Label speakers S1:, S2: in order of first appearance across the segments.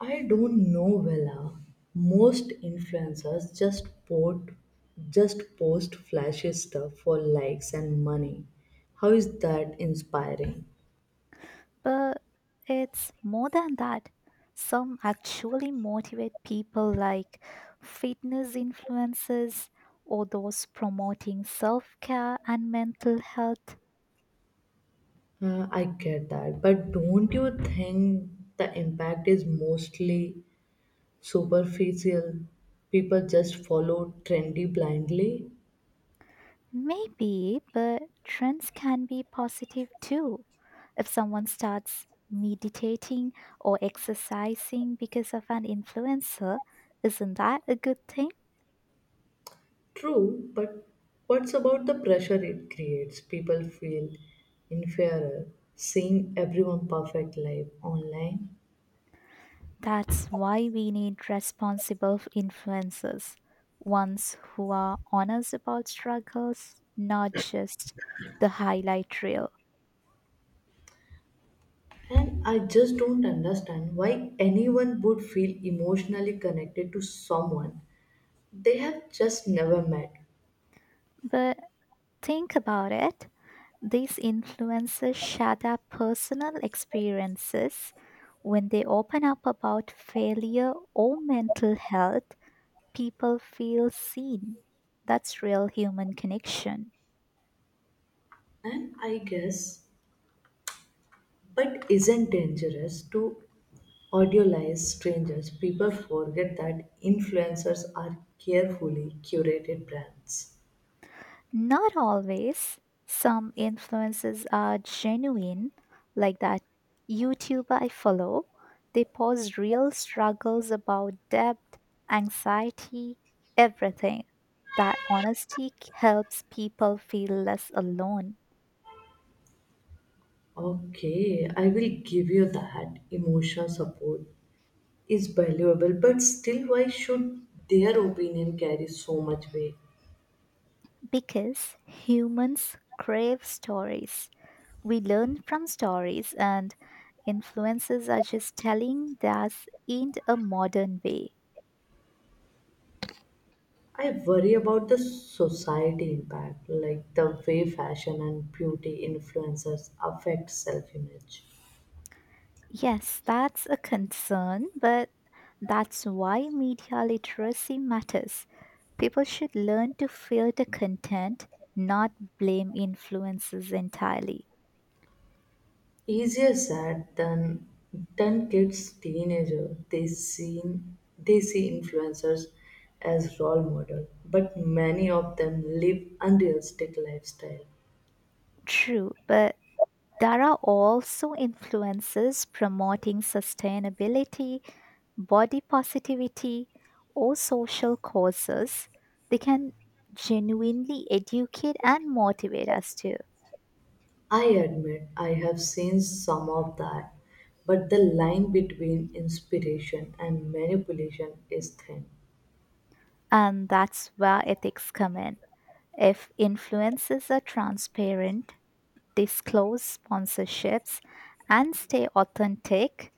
S1: I don't know, Vela. Most influencers just post flashy stuff for likes and money. How is that inspiring?
S2: But it's more than that. Some actually motivate people like fitness influencers or those promoting self care and mental health.
S1: I get that, but don't you think the impact is mostly superficial? People just follow trendy blindly?
S2: Maybe, but trends can be positive too. If someone starts meditating or exercising because of an influencer, isn't that a good thing?
S1: True, but what's about the pressure it creates? People feel inferior seeing everyone perfect life online.
S2: That's why we need responsible influencers, ones who are honest about struggles, not just the highlight reel.
S1: And I just don't understand why anyone would feel emotionally connected to someone they have just never met.
S2: But think about it these influencers share their personal experiences. When they open up about failure or mental health, people feel seen. That's real human connection.
S1: And I guess it isn't dangerous to idealize strangers. People forget that influencers are carefully curated brands.
S2: Not always. Some influences are genuine, like that YouTuber I follow. They post real struggles about debt, anxiety, everything. That honesty helps people feel less alone
S1: Okay, I will give you that. Emotional support is valuable, but still, why should their opinion carry so much weight?
S2: because humans crave stories. We learn from stories, and influences are just telling theirs in a modern way.
S1: I worry about the society impact, like the way fashion and beauty influencers affect self-image.
S2: Yes, that's a concern, but that's why media literacy matters. People should learn to filter content, not blame influences entirely.
S1: Easier said than kids, teenager, they see influencers as role model, but many of them live unrealistic lifestyle.
S2: True, but there are also influences promoting sustainability, body positivity, or social causes. They can genuinely educate and motivate us too.
S1: I admit I have seen some of that, but the line between inspiration and manipulation is thin.
S2: And that's where ethics come in. If influencers are transparent, disclose sponsorships, and stay authentic,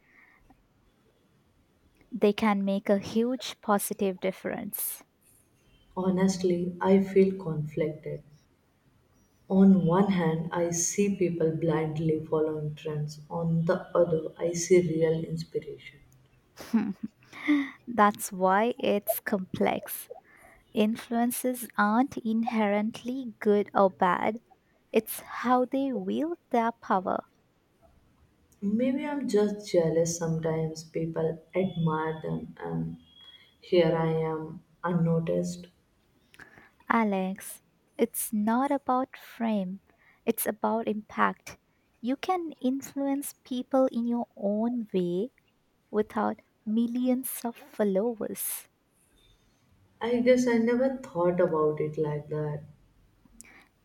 S2: they can make a huge positive difference.
S1: Honestly, I feel conflicted. On one hand, I see people blindly following trends. On the other, I see real inspiration.
S2: Hmm. That's why it's complex. Influences aren't inherently good or bad, it's how they wield their power.
S1: Maybe I'm just jealous sometimes. People admire them, and here I am, unnoticed.
S2: Alex, it's not about frame, it's about impact. You can influence people in your own way without millions of followers.
S1: I guess I never thought about it like that.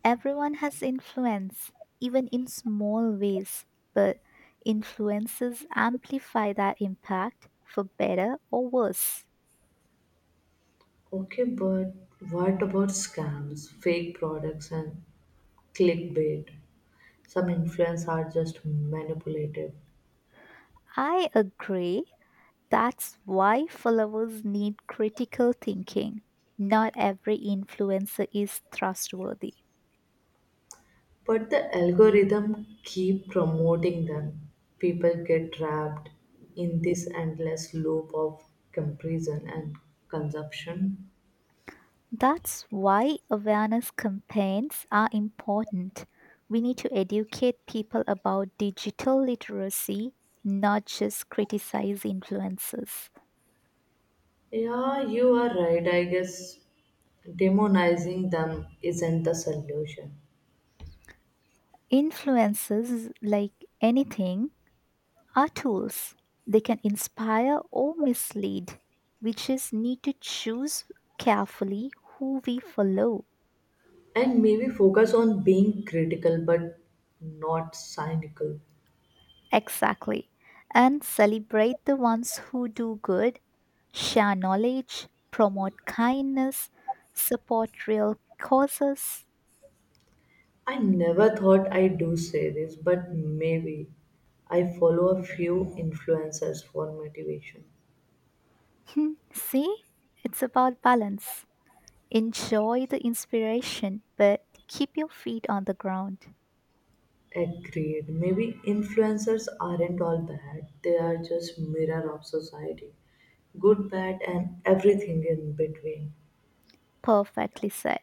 S2: Everyone has influence, even in small ways, but influences amplify that impact for better or worse.
S1: Okay, but what about scams, fake products, and clickbait? Some influencers are just manipulative.
S2: I agree. That's why followers need critical thinking. Not every influencer is trustworthy.
S1: But the algorithm keep promoting them, people get trapped in this endless loop of comparison and consumption.
S2: That's why awareness campaigns are important. We need to educate people about digital literacy, not just criticize influencers.
S1: Yeah, you are right. I guess demonizing them isn't the solution.
S2: Influencers, like anything, are tools. They can inspire or mislead. We just need to choose carefully who we follow.
S1: And maybe focus on being critical but not cynical.
S2: Exactly. And celebrate the ones who do good, share knowledge, promote kindness, support real causes.
S1: I never thought I do say this, but maybe I follow a few influencers for motivation.
S2: Hmm, see? It's about balance. Enjoy the inspiration, but keep your feet on the ground.
S1: Agreed. Maybe influencers aren't all bad, they are just mirror of society. Good, bad, and everything in between.
S2: Perfectly said.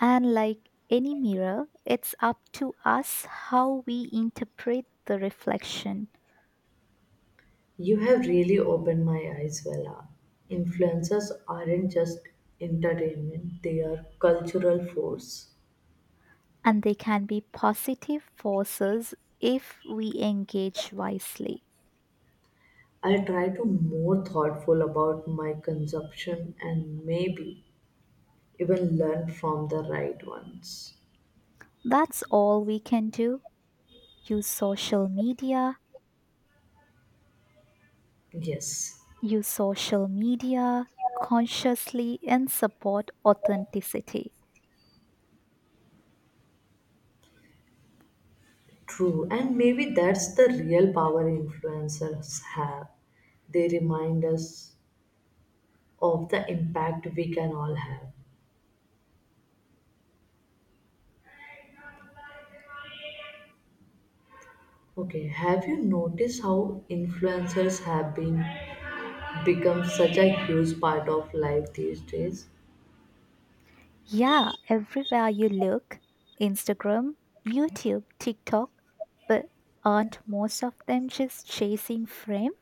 S2: And like any mirror, it's up to us how we interpret the reflection.
S1: You have really opened my eyes, Vela. Influencers aren't just entertainment, they are cultural force.
S2: And they can be positive forces if we engage wisely.
S1: I'll try to more thoughtful about my consumption and maybe even learn from the right ones.
S2: That's all we can do. Use social media,
S1: Yes.
S2: use social media consciously and support authenticity.
S1: True, and maybe that's the real power influencers have. They remind us of the impact we can all have. Okay, have you noticed how influencers have been become such a huge part of life these days?
S2: Yeah, everywhere you look, Instagram, YouTube, TikTok, but aren't most of them just chasing fame?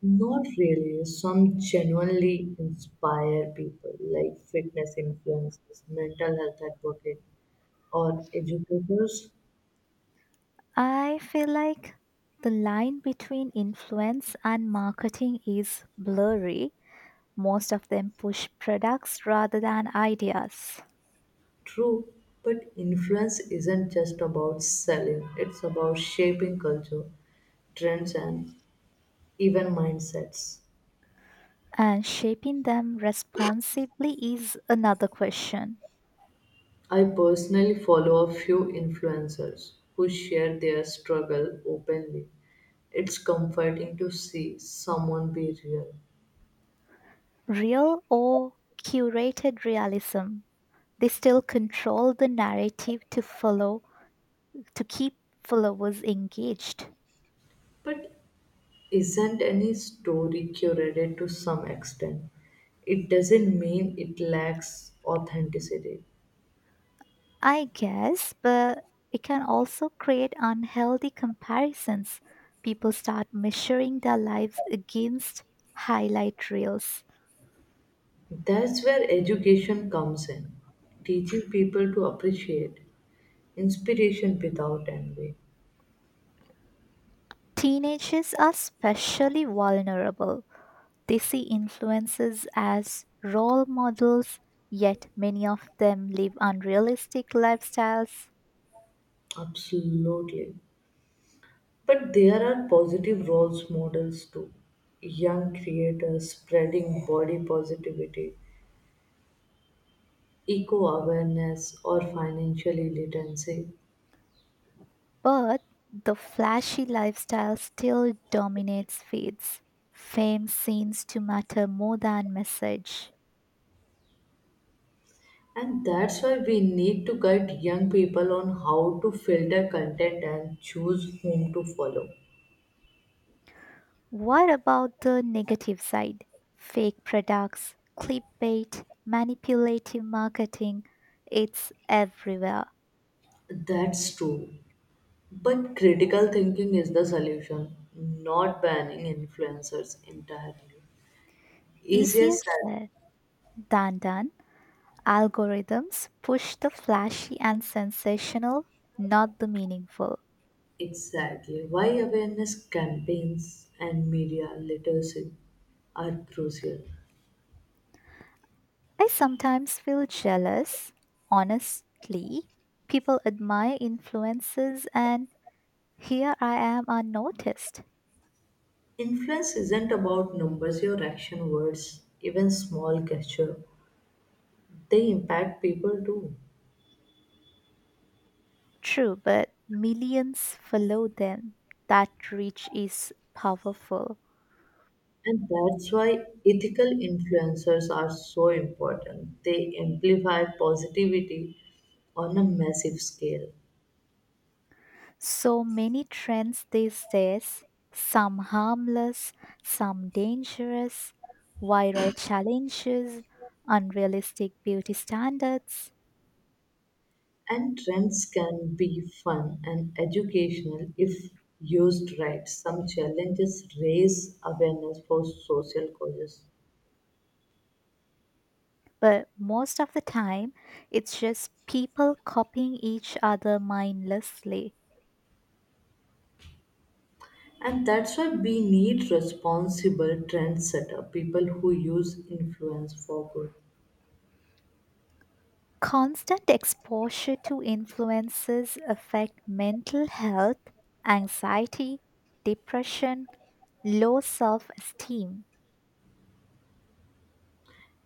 S1: Not really. Some genuinely inspire people, like fitness influencers, mental health advocates, or educators.
S2: I feel like the line between influence and marketing is blurry. Most of them push products rather than ideas.
S1: True, but influence isn't just about selling, it's about shaping culture, trends, and even mindsets.
S2: And shaping them responsibly is another question.
S1: I personally follow a few influencers who share their struggle openly. It's comforting to see someone be real.
S2: Real or curated realism? They still control the narrative to follow, to keep followers engaged.
S1: But isn't any story curated to some extent? It doesn't mean it lacks authenticity.
S2: I guess, but it can also create unhealthy comparisons. People start measuring their lives against highlight reels.
S1: That's where education comes in, teaching people to appreciate inspiration without envy.
S2: Teenagers are especially vulnerable. They see influences as role models, yet many of them live unrealistic lifestyles,
S1: Absolutely. But there are positive roles models too. Young creators spreading body positivity, eco awareness, or financial literacy.
S2: but the flashy lifestyle still dominates feeds. Fame seems to matter more than message.
S1: And that's why we need to guide young people on how to filter content and choose whom to follow.
S2: What about the negative side? Fake products, clickbait, manipulative marketing, it's everywhere.
S1: That's true. But critical thinking is the solution, not banning influencers entirely. Easier
S2: Easier
S1: said,
S2: said than done. Algorithms push the flashy and sensational, not the meaningful.
S1: exactly. Why awareness campaigns and media literacy are crucial.
S2: I sometimes feel jealous, honestly. People admire influences, and here I am unnoticed.
S1: Influence isn't about numbers, your action words, even small gesture. They impact people too.
S2: True, but millions follow them. That reach is powerful.
S1: And that's why ethical influencers are so important. They amplify positivity on a massive scale.
S2: So many trends these days, some harmless, some dangerous, viral challenges, unrealistic beauty standards.
S1: And trends can be fun and educational if used right. Some challenges raise awareness for social causes.
S2: But most of the time, it's just people copying each other mindlessly.
S1: And that's why we need responsible trendsetter, people who use influence for good.
S2: Constant exposure to influences affect mental health, anxiety, depression, low self-esteem.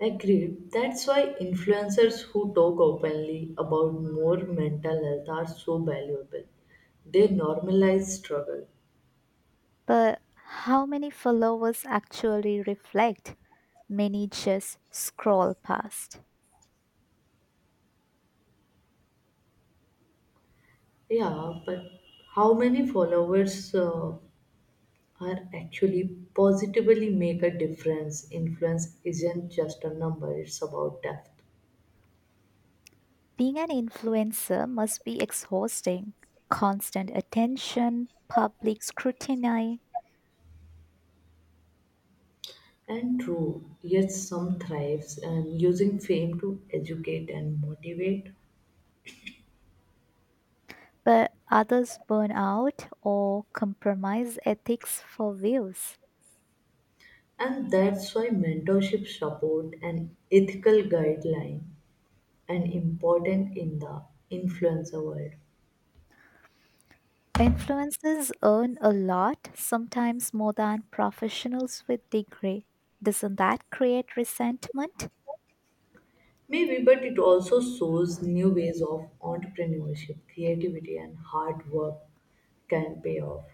S1: Agreed. That's why influencers who talk openly about more mental health are so valuable. They normalize struggle.
S2: But how many followers actually reflect? Many just scroll past.
S1: Yeah, but how many followers are actually positively make a difference. Influence isn't just a number, it's about depth.
S2: Being an influencer must be exhausting. Constant attention, public scrutiny,
S1: And true, yet some thrives and using fame to educate and motivate.
S2: but others burn out or compromise ethics for views.
S1: And that's why mentorship support and ethical guideline and important in the influencer world.
S2: Influencers earn a lot, sometimes more than professionals with degree. Doesn't that create resentment?
S1: Maybe, but it also shows new ways of entrepreneurship, creativity and hard work can pay off.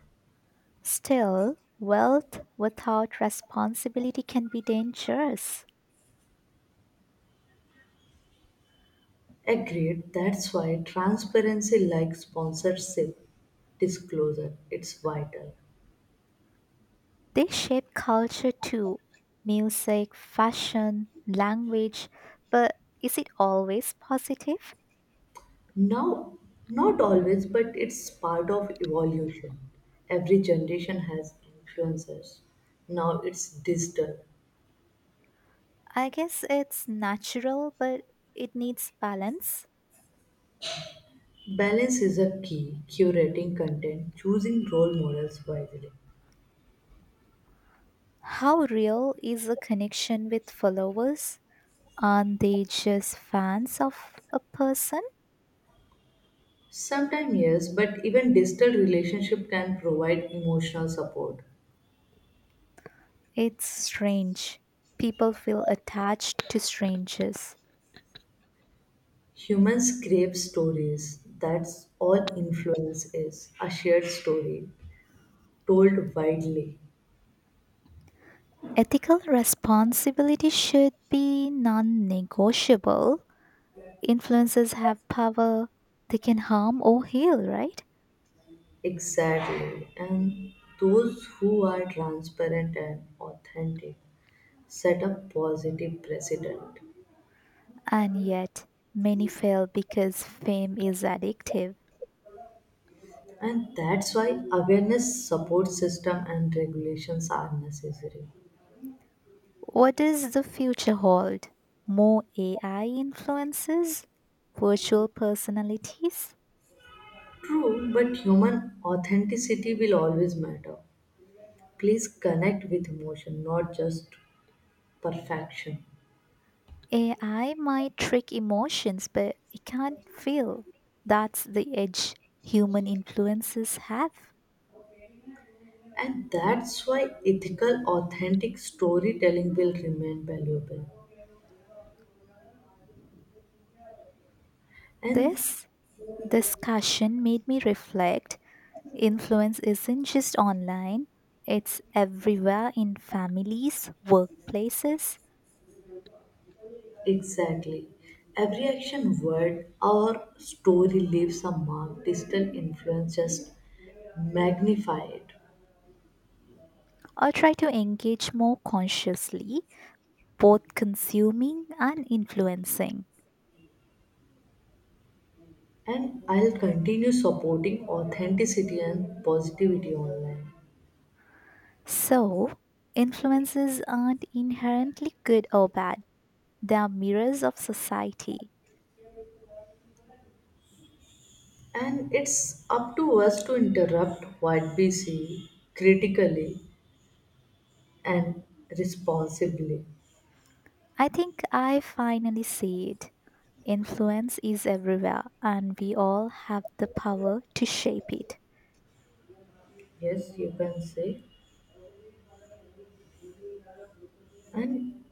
S2: Still, wealth without responsibility can be dangerous.
S1: Agreed. That's why transparency like sponsorship disclosure it's vital.
S2: They shape culture too, music, fashion, language. But is it always positive?
S1: Now not always but it's part of evolution. Every generation has influencers. Now it's digital.
S2: I guess it's natural, but it needs balance.
S1: Balance is a key, curating content, choosing role models wisely.
S2: How real is a connection with followers? Aren't they just fans of a person?
S1: Sometimes yes, but even digital relationship can provide emotional support.
S2: It's strange. People feel attached to strangers.
S1: Humans crave stories. That's all influence is a shared story told widely.
S2: Ethical responsibility should be non negotiable. Influencers have power, they can harm or heal, right?
S1: Exactly. And those who are transparent and authentic set a positive precedent.
S2: And yet, many fail because fame is addictive.
S1: And that's why awareness, support system, and regulations are necessary.
S2: What does the future hold? More AI influences? Virtual personalities?
S1: True, but human authenticity will always matter. Please connect with emotion, not just perfection.
S2: AI might trick emotions, but it can't feel. That's the edge human influences have.
S1: And that's why ethical, authentic storytelling will remain valuable. And
S2: This discussion made me reflect, influence isn't just online, it's everywhere in families, workplaces.
S1: exactly, every action, word, or story leaves a mark, digital influence just magnify it.
S2: I try to engage more consciously, both consuming and influencing.
S1: And I'll continue supporting authenticity and positivity online.
S2: So, influences aren't inherently good or bad, they are mirrors of society.
S1: And it's up to us to interrupt what we see critically and responsibly.
S2: I think I finally see it. Influence is everywhere, and we all have the power to shape it.
S1: Yes, you can say. And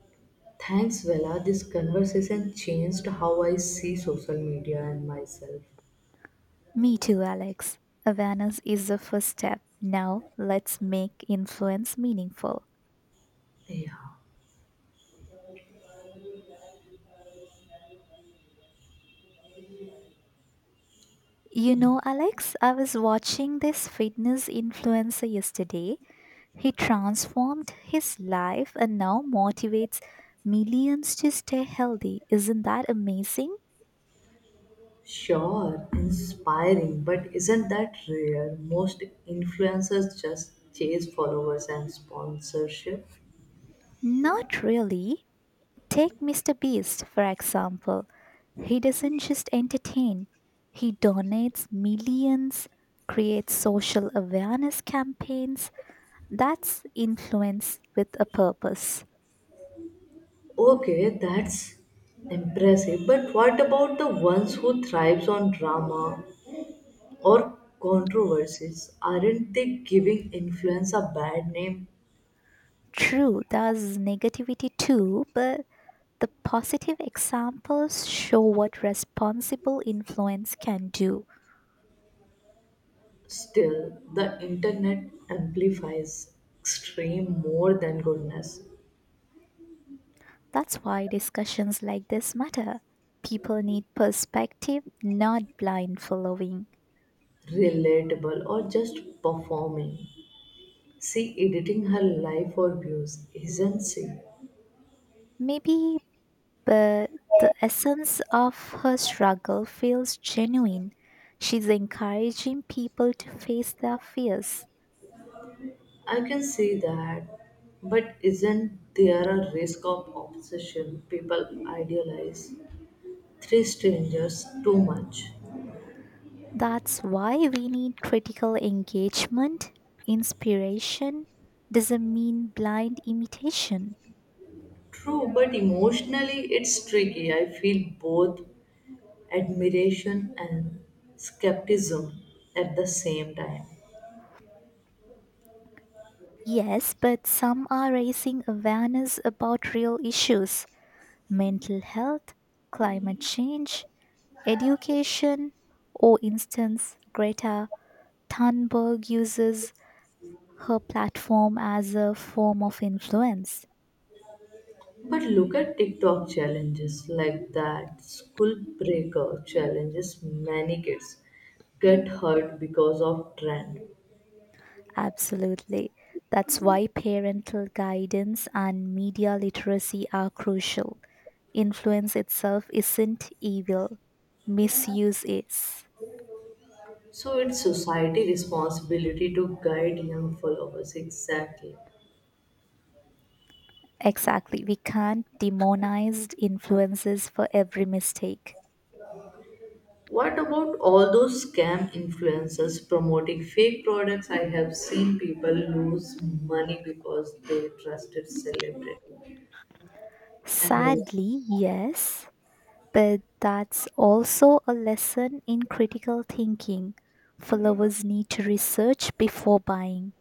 S1: thanks, Vela. This conversation changed how I see social media and myself.
S2: Me too, Alex. Awareness is the first step. Now, let's make influence meaningful.
S1: Yeah,
S2: You know, Alex, I was watching this fitness influencer yesterday. He transformed his life and now motivates millions to stay healthy. Isn't that amazing?
S1: sure, inspiring, but isn't that rare? Most influencers just chase followers and sponsorship.
S2: Not really. Take Mr. Beast, for example. He doesn't just entertain, he donates millions, creates social awareness campaigns. That's influence with a purpose.
S1: Okay, that's impressive, but what about the ones who thrives on drama or controversies? Aren't they giving influence a bad name?
S2: True, there's negativity too, but the positive examples show what responsible influence can do.
S1: Still, the internet amplifies extreme more than goodness,
S2: That's why discussions like this matter. People need perspective, not blind following.
S1: relatable, or just performing. She editing her life for views, isn't she?
S2: Maybe, but the essence of her struggle feels genuine. She's encouraging people to face their fears.
S1: I can see that, but isn't there a risk of obsession people idealize? Three strangers too much.
S2: That's why we need critical engagement, inspiration doesn't mean blind imitation.
S1: True, but emotionally it's tricky. I feel both admiration and skepticism at the same time.
S2: Yes, but some are raising awareness about real issues, mental health, climate change, education, or instance, Greta Thunberg uses her platform as a form of influence.
S1: But look at TikTok challenges like that. School breaker challenges many kids get hurt because of trend.
S2: Absolutely. That's why parental guidance and media literacy are crucial. Influence itself isn't evil, misuse is.
S1: So it's society responsibility to guide young followers exactly.
S2: Exactly. We can't demonize influences for every mistake.
S1: What about all those scam influencers promoting fake products? I have seen people lose money because they trusted celebrity and all.
S2: Sadly, yes, but that's also a lesson in critical thinking. Followers need to research before buying.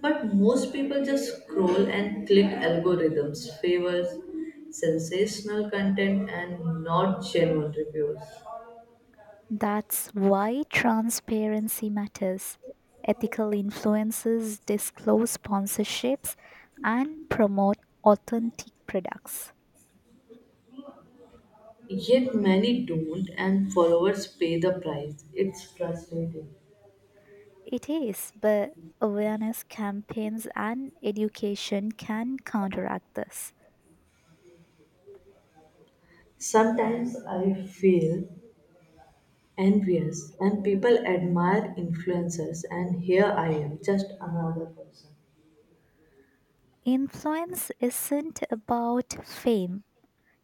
S1: But most people just scroll and click algorithms, favors sensational content and not genuine reviews.
S2: That's why transparency matters. Ethical influencers disclose sponsorships and promote authentic products.
S1: Yet many don't, and followers pay the price. It's frustrating.
S2: It is, but awareness campaigns and education can counteract this.
S1: Sometimes I feel envious, and people admire influencers and here I am just another person.
S2: Influence isn't about fame.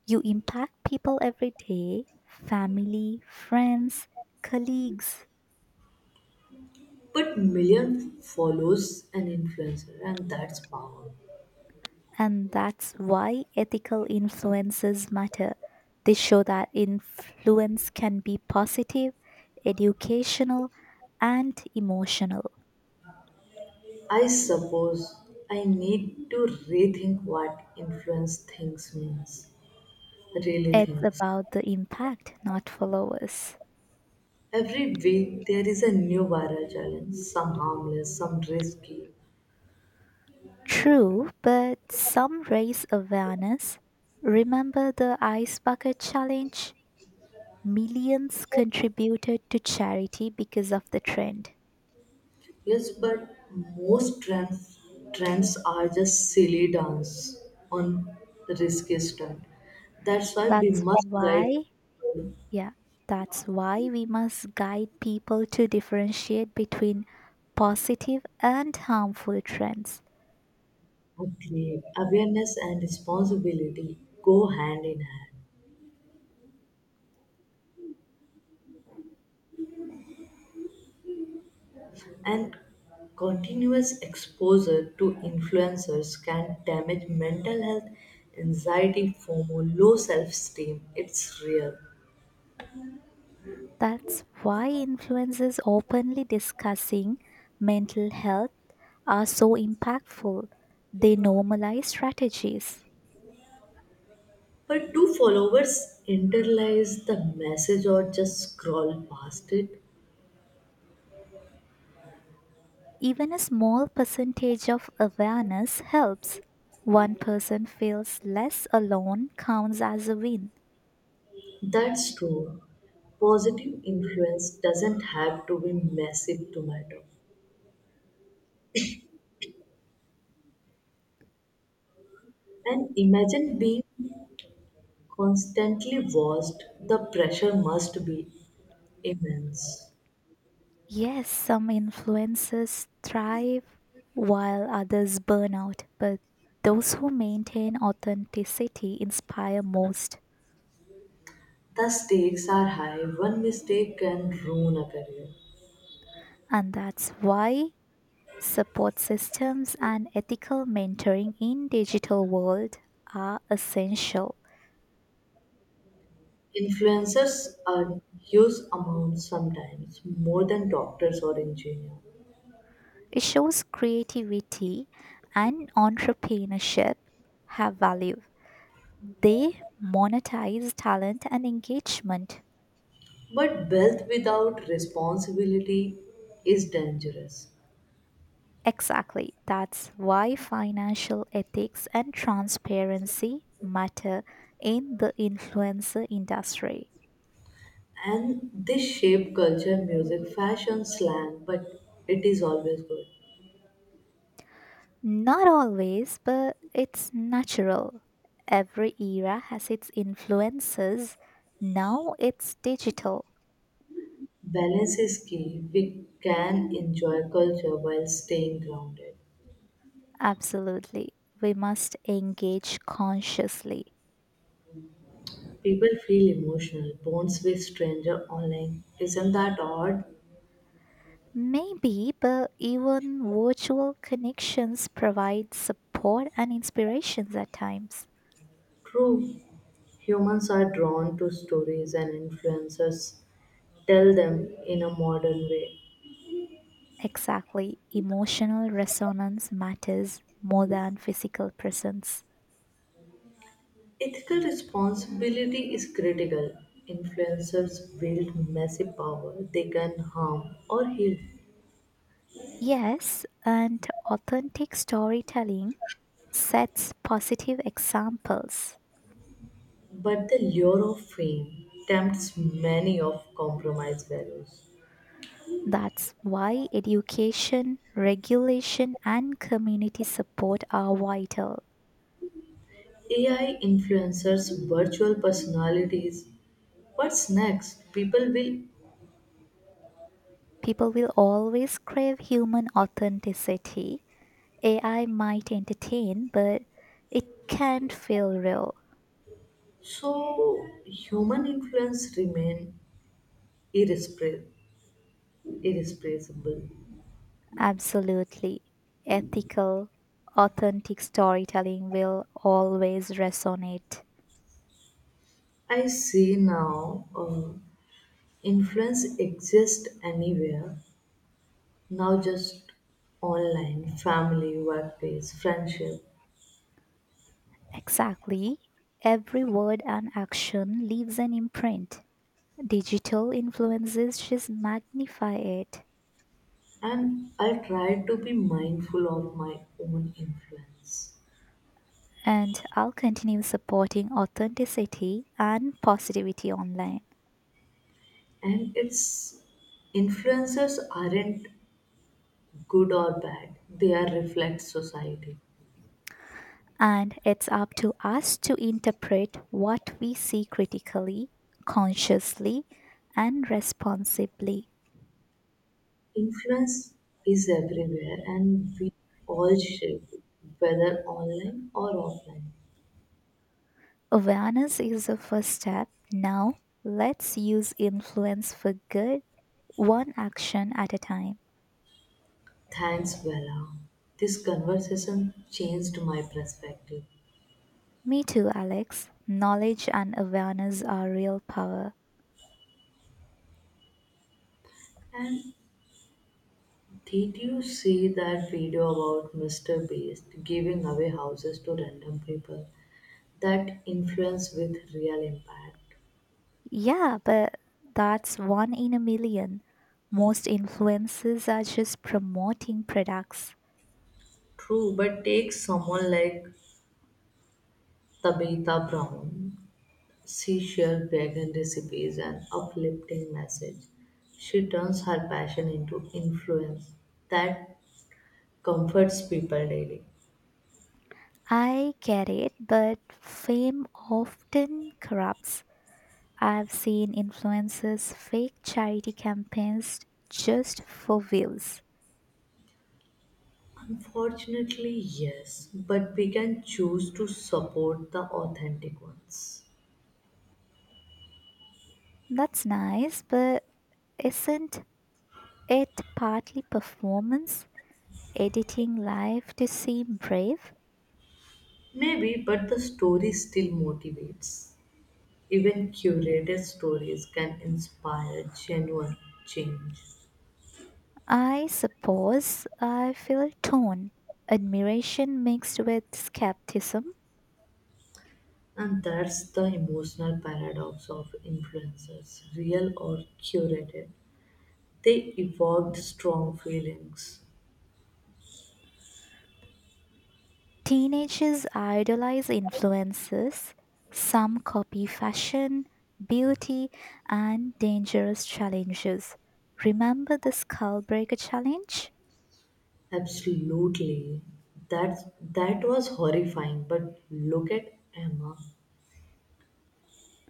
S2: You impact people every day, family, friends, colleagues.
S1: But million follows an influencer and that's power.
S2: And that's why ethical influences matter. They show that influence can be positive, educational, and emotional.
S1: I suppose I need to rethink what influence thinks means, really
S2: It's
S1: thinks.
S2: about the impact, not followers.
S1: Every week there is a new viral challenge, some harmless some risky.
S2: True, but some raise awareness. Remember the ice bucket challenge? Millions contributed to charity because of the trend.
S1: Yes, but most trends are just silly dance on the risky stunt. That's why we
S2: That's
S1: must guide
S2: why.
S1: people
S2: Yeah, that's why we must guide people to differentiate between positive and harmful trends.
S1: appropriately. Awareness and responsibility go hand in hand, and continuous exposure to influencers can damage mental health, anxiety, FOMO, low self-esteem. It's real.
S2: That's why influencers openly discussing mental health are so impactful. They normalize strategies.
S1: But do followers internalize the message or just scroll past it?
S2: Even a small percentage of awareness helps. One person feels less alone counts as a win.
S1: That's true. Positive influence doesn't have to be massive to matter. And imagine being constantly watched, the pressure must be immense.
S2: Yes, some influences thrive while others burn out, but those who maintain authenticity inspire most.
S1: The stakes are high, one mistake can ruin a career.
S2: And that's why support systems and ethical mentoring in digital world are essential.
S1: Influencers earn huge amounts sometimes, more than doctors or engineers.
S2: It shows creativity and entrepreneurship have value. They monetize talent and engagement.
S1: But wealth without responsibility is dangerous.
S2: Exactly. That's why financial ethics and transparency matter in the influencer industry.
S1: And this shape culture, music, fashion, slang, but it is always good.
S2: Not always, but it's natural. Every era has its influences. Now it's digital.
S1: Balance is key. We can enjoy culture while staying grounded.
S2: Absolutely. We must engage consciously.
S1: People feel emotional, bonds with stranger online. Isn't that odd?
S2: Maybe, but even virtual connections provide support and inspirations at times.
S1: True. Humans are drawn to stories and influencers tell them in a modern way.
S2: Exactly. Emotional resonance matters more than physical presence.
S1: Ethical responsibility is critical. Influencers wield massive power, they can harm or heal.
S2: Yes, and authentic storytelling sets positive examples.
S1: But the lure of fame tempts many of compromise values.
S2: That's why education, regulation, and community support are vital.
S1: AI influencers, virtual personalities. What's next? People will.
S2: People will always crave human authenticity. AI might entertain, but it can't feel real.
S1: So human influence remain irrespre- irreplaceable.
S2: Absolutely. Ethical, authentic storytelling will always resonate.
S1: I see now influence exists anywhere. Now just online, family, workplace, friendship.
S2: Exactly. Every word and action leaves an imprint. Digital influences just magnify it.
S1: And I try to be mindful of my own influence.
S2: And I'll continue supporting authenticity and positivity online.
S1: And it's influencers aren't good or bad, they are reflect society.
S2: And it's up to us to interpret what we see critically, consciously, and responsibly.
S1: Influence is everywhere and we all shape it, whether online or offline.
S2: Awareness is the first step. Now, let's use influence for good, one action at a time.
S1: Thanks, Bella. This conversation changed my perspective.
S2: Me too, Alex. Knowledge and awareness are real power.
S1: And did you see that video about Mr. Beast giving away houses to random people? That influence with real impact.
S2: Yeah, but that's one in a million. Most influencers are just promoting products.
S1: True, but take someone like Tabitha Brown. She shared vegan recipes and uplifting message. She turns her passion into influence that comforts people daily.
S2: I get it, but fame often corrupts. I've seen influencers fake charity campaigns just for views.
S1: Unfortunately, yes, but we can choose to support the authentic ones.
S2: That's nice, but isn't it partly performance, editing life to seem brave?
S1: Maybe, but the story still motivates. Even curated stories can inspire genuine change.
S2: I suppose I feel torn. Admiration mixed with skepticism.
S1: And that's the emotional paradox of influencers, real or curated. They evoked strong feelings.
S2: Teenagers idolize influences. Some copy fashion, beauty, and dangerous challenges. Remember the Skullbreaker challenge?
S1: Absolutely. That was horrifying. But look at Emma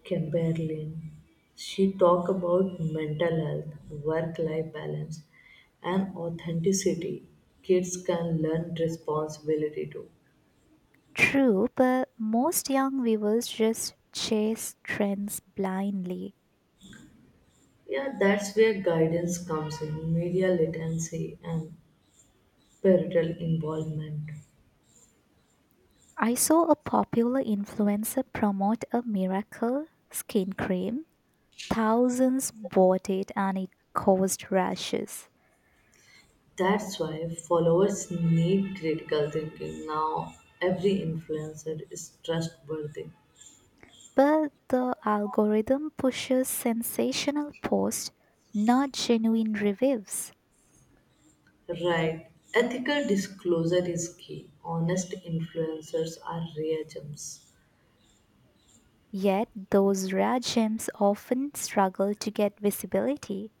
S1: Chamberlain. She talked about mental health, work life balance, and authenticity. Kids can learn responsibility too.
S2: True, but most young viewers just chase trends blindly.
S1: Yeah, that's where guidance comes in, media literacy and parental involvement.
S2: I saw a popular influencer promote a miracle skin cream. Thousands bought it and it caused rashes.
S1: That's why followers need critical thinking. Now, every influencer is trustworthy.
S2: But the algorithm pushes sensational posts, not genuine reviews.
S1: Right. Ethical disclosure is key. Honest influencers are rare gems,
S2: Yet, those rare gems often struggle to get visibility.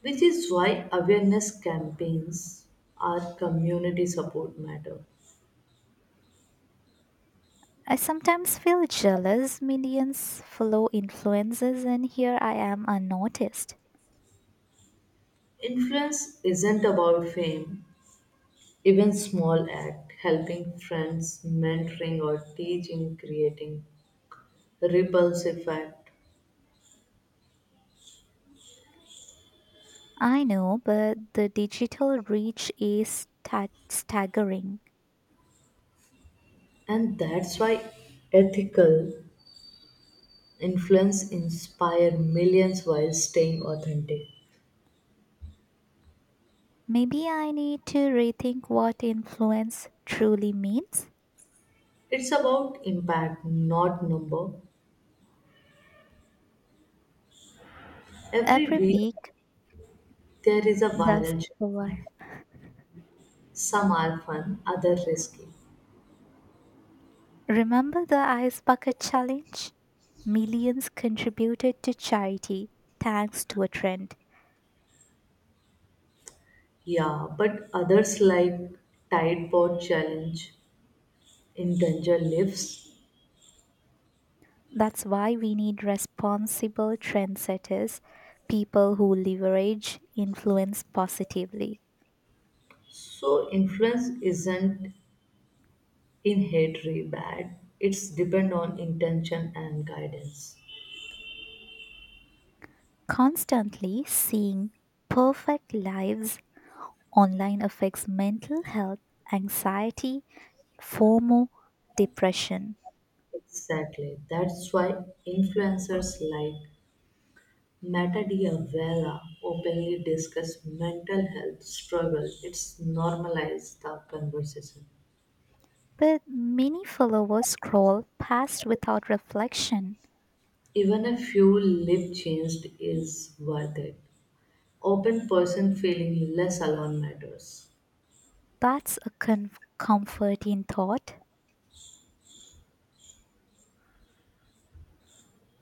S1: which is why awareness campaigns are community support matter.
S2: I sometimes feel jealous. Millions follow influences, and here I am unnoticed.
S1: Influence isn't about fame, even small act, helping friends, mentoring or teaching, creating ripples effect.
S2: I know, but the digital reach is staggering.
S1: And that's why ethical influence inspire millions while staying authentic.
S2: Maybe I need to rethink what influence truly means.
S1: It's about impact, not number. Every
S2: Every
S1: week
S2: week,
S1: there is a
S2: that's
S1: viral show.
S2: over.
S1: Some are fun, others risky.
S2: Remember the ice bucket challenge? Millions contributed to charity thanks to a trend.
S1: Yeah, but others like Tide Pod Challenge in danger lives.
S2: That's why we need responsible trendsetters, people who leverage influence positively.
S1: So influence isn't in hatred bad, it's depend on intention and guidance.
S2: Constantly seeing perfect lives online affects mental health, anxiety, FOMO, depression.
S1: Exactly, that's why influencers like meta diavela openly discuss mental health struggle, it's normalized the conversation.
S2: But many followers scroll past without reflection.
S1: Even a few lip changed is worth it, open person feeling less alone matters.
S2: That's a comfort in thought.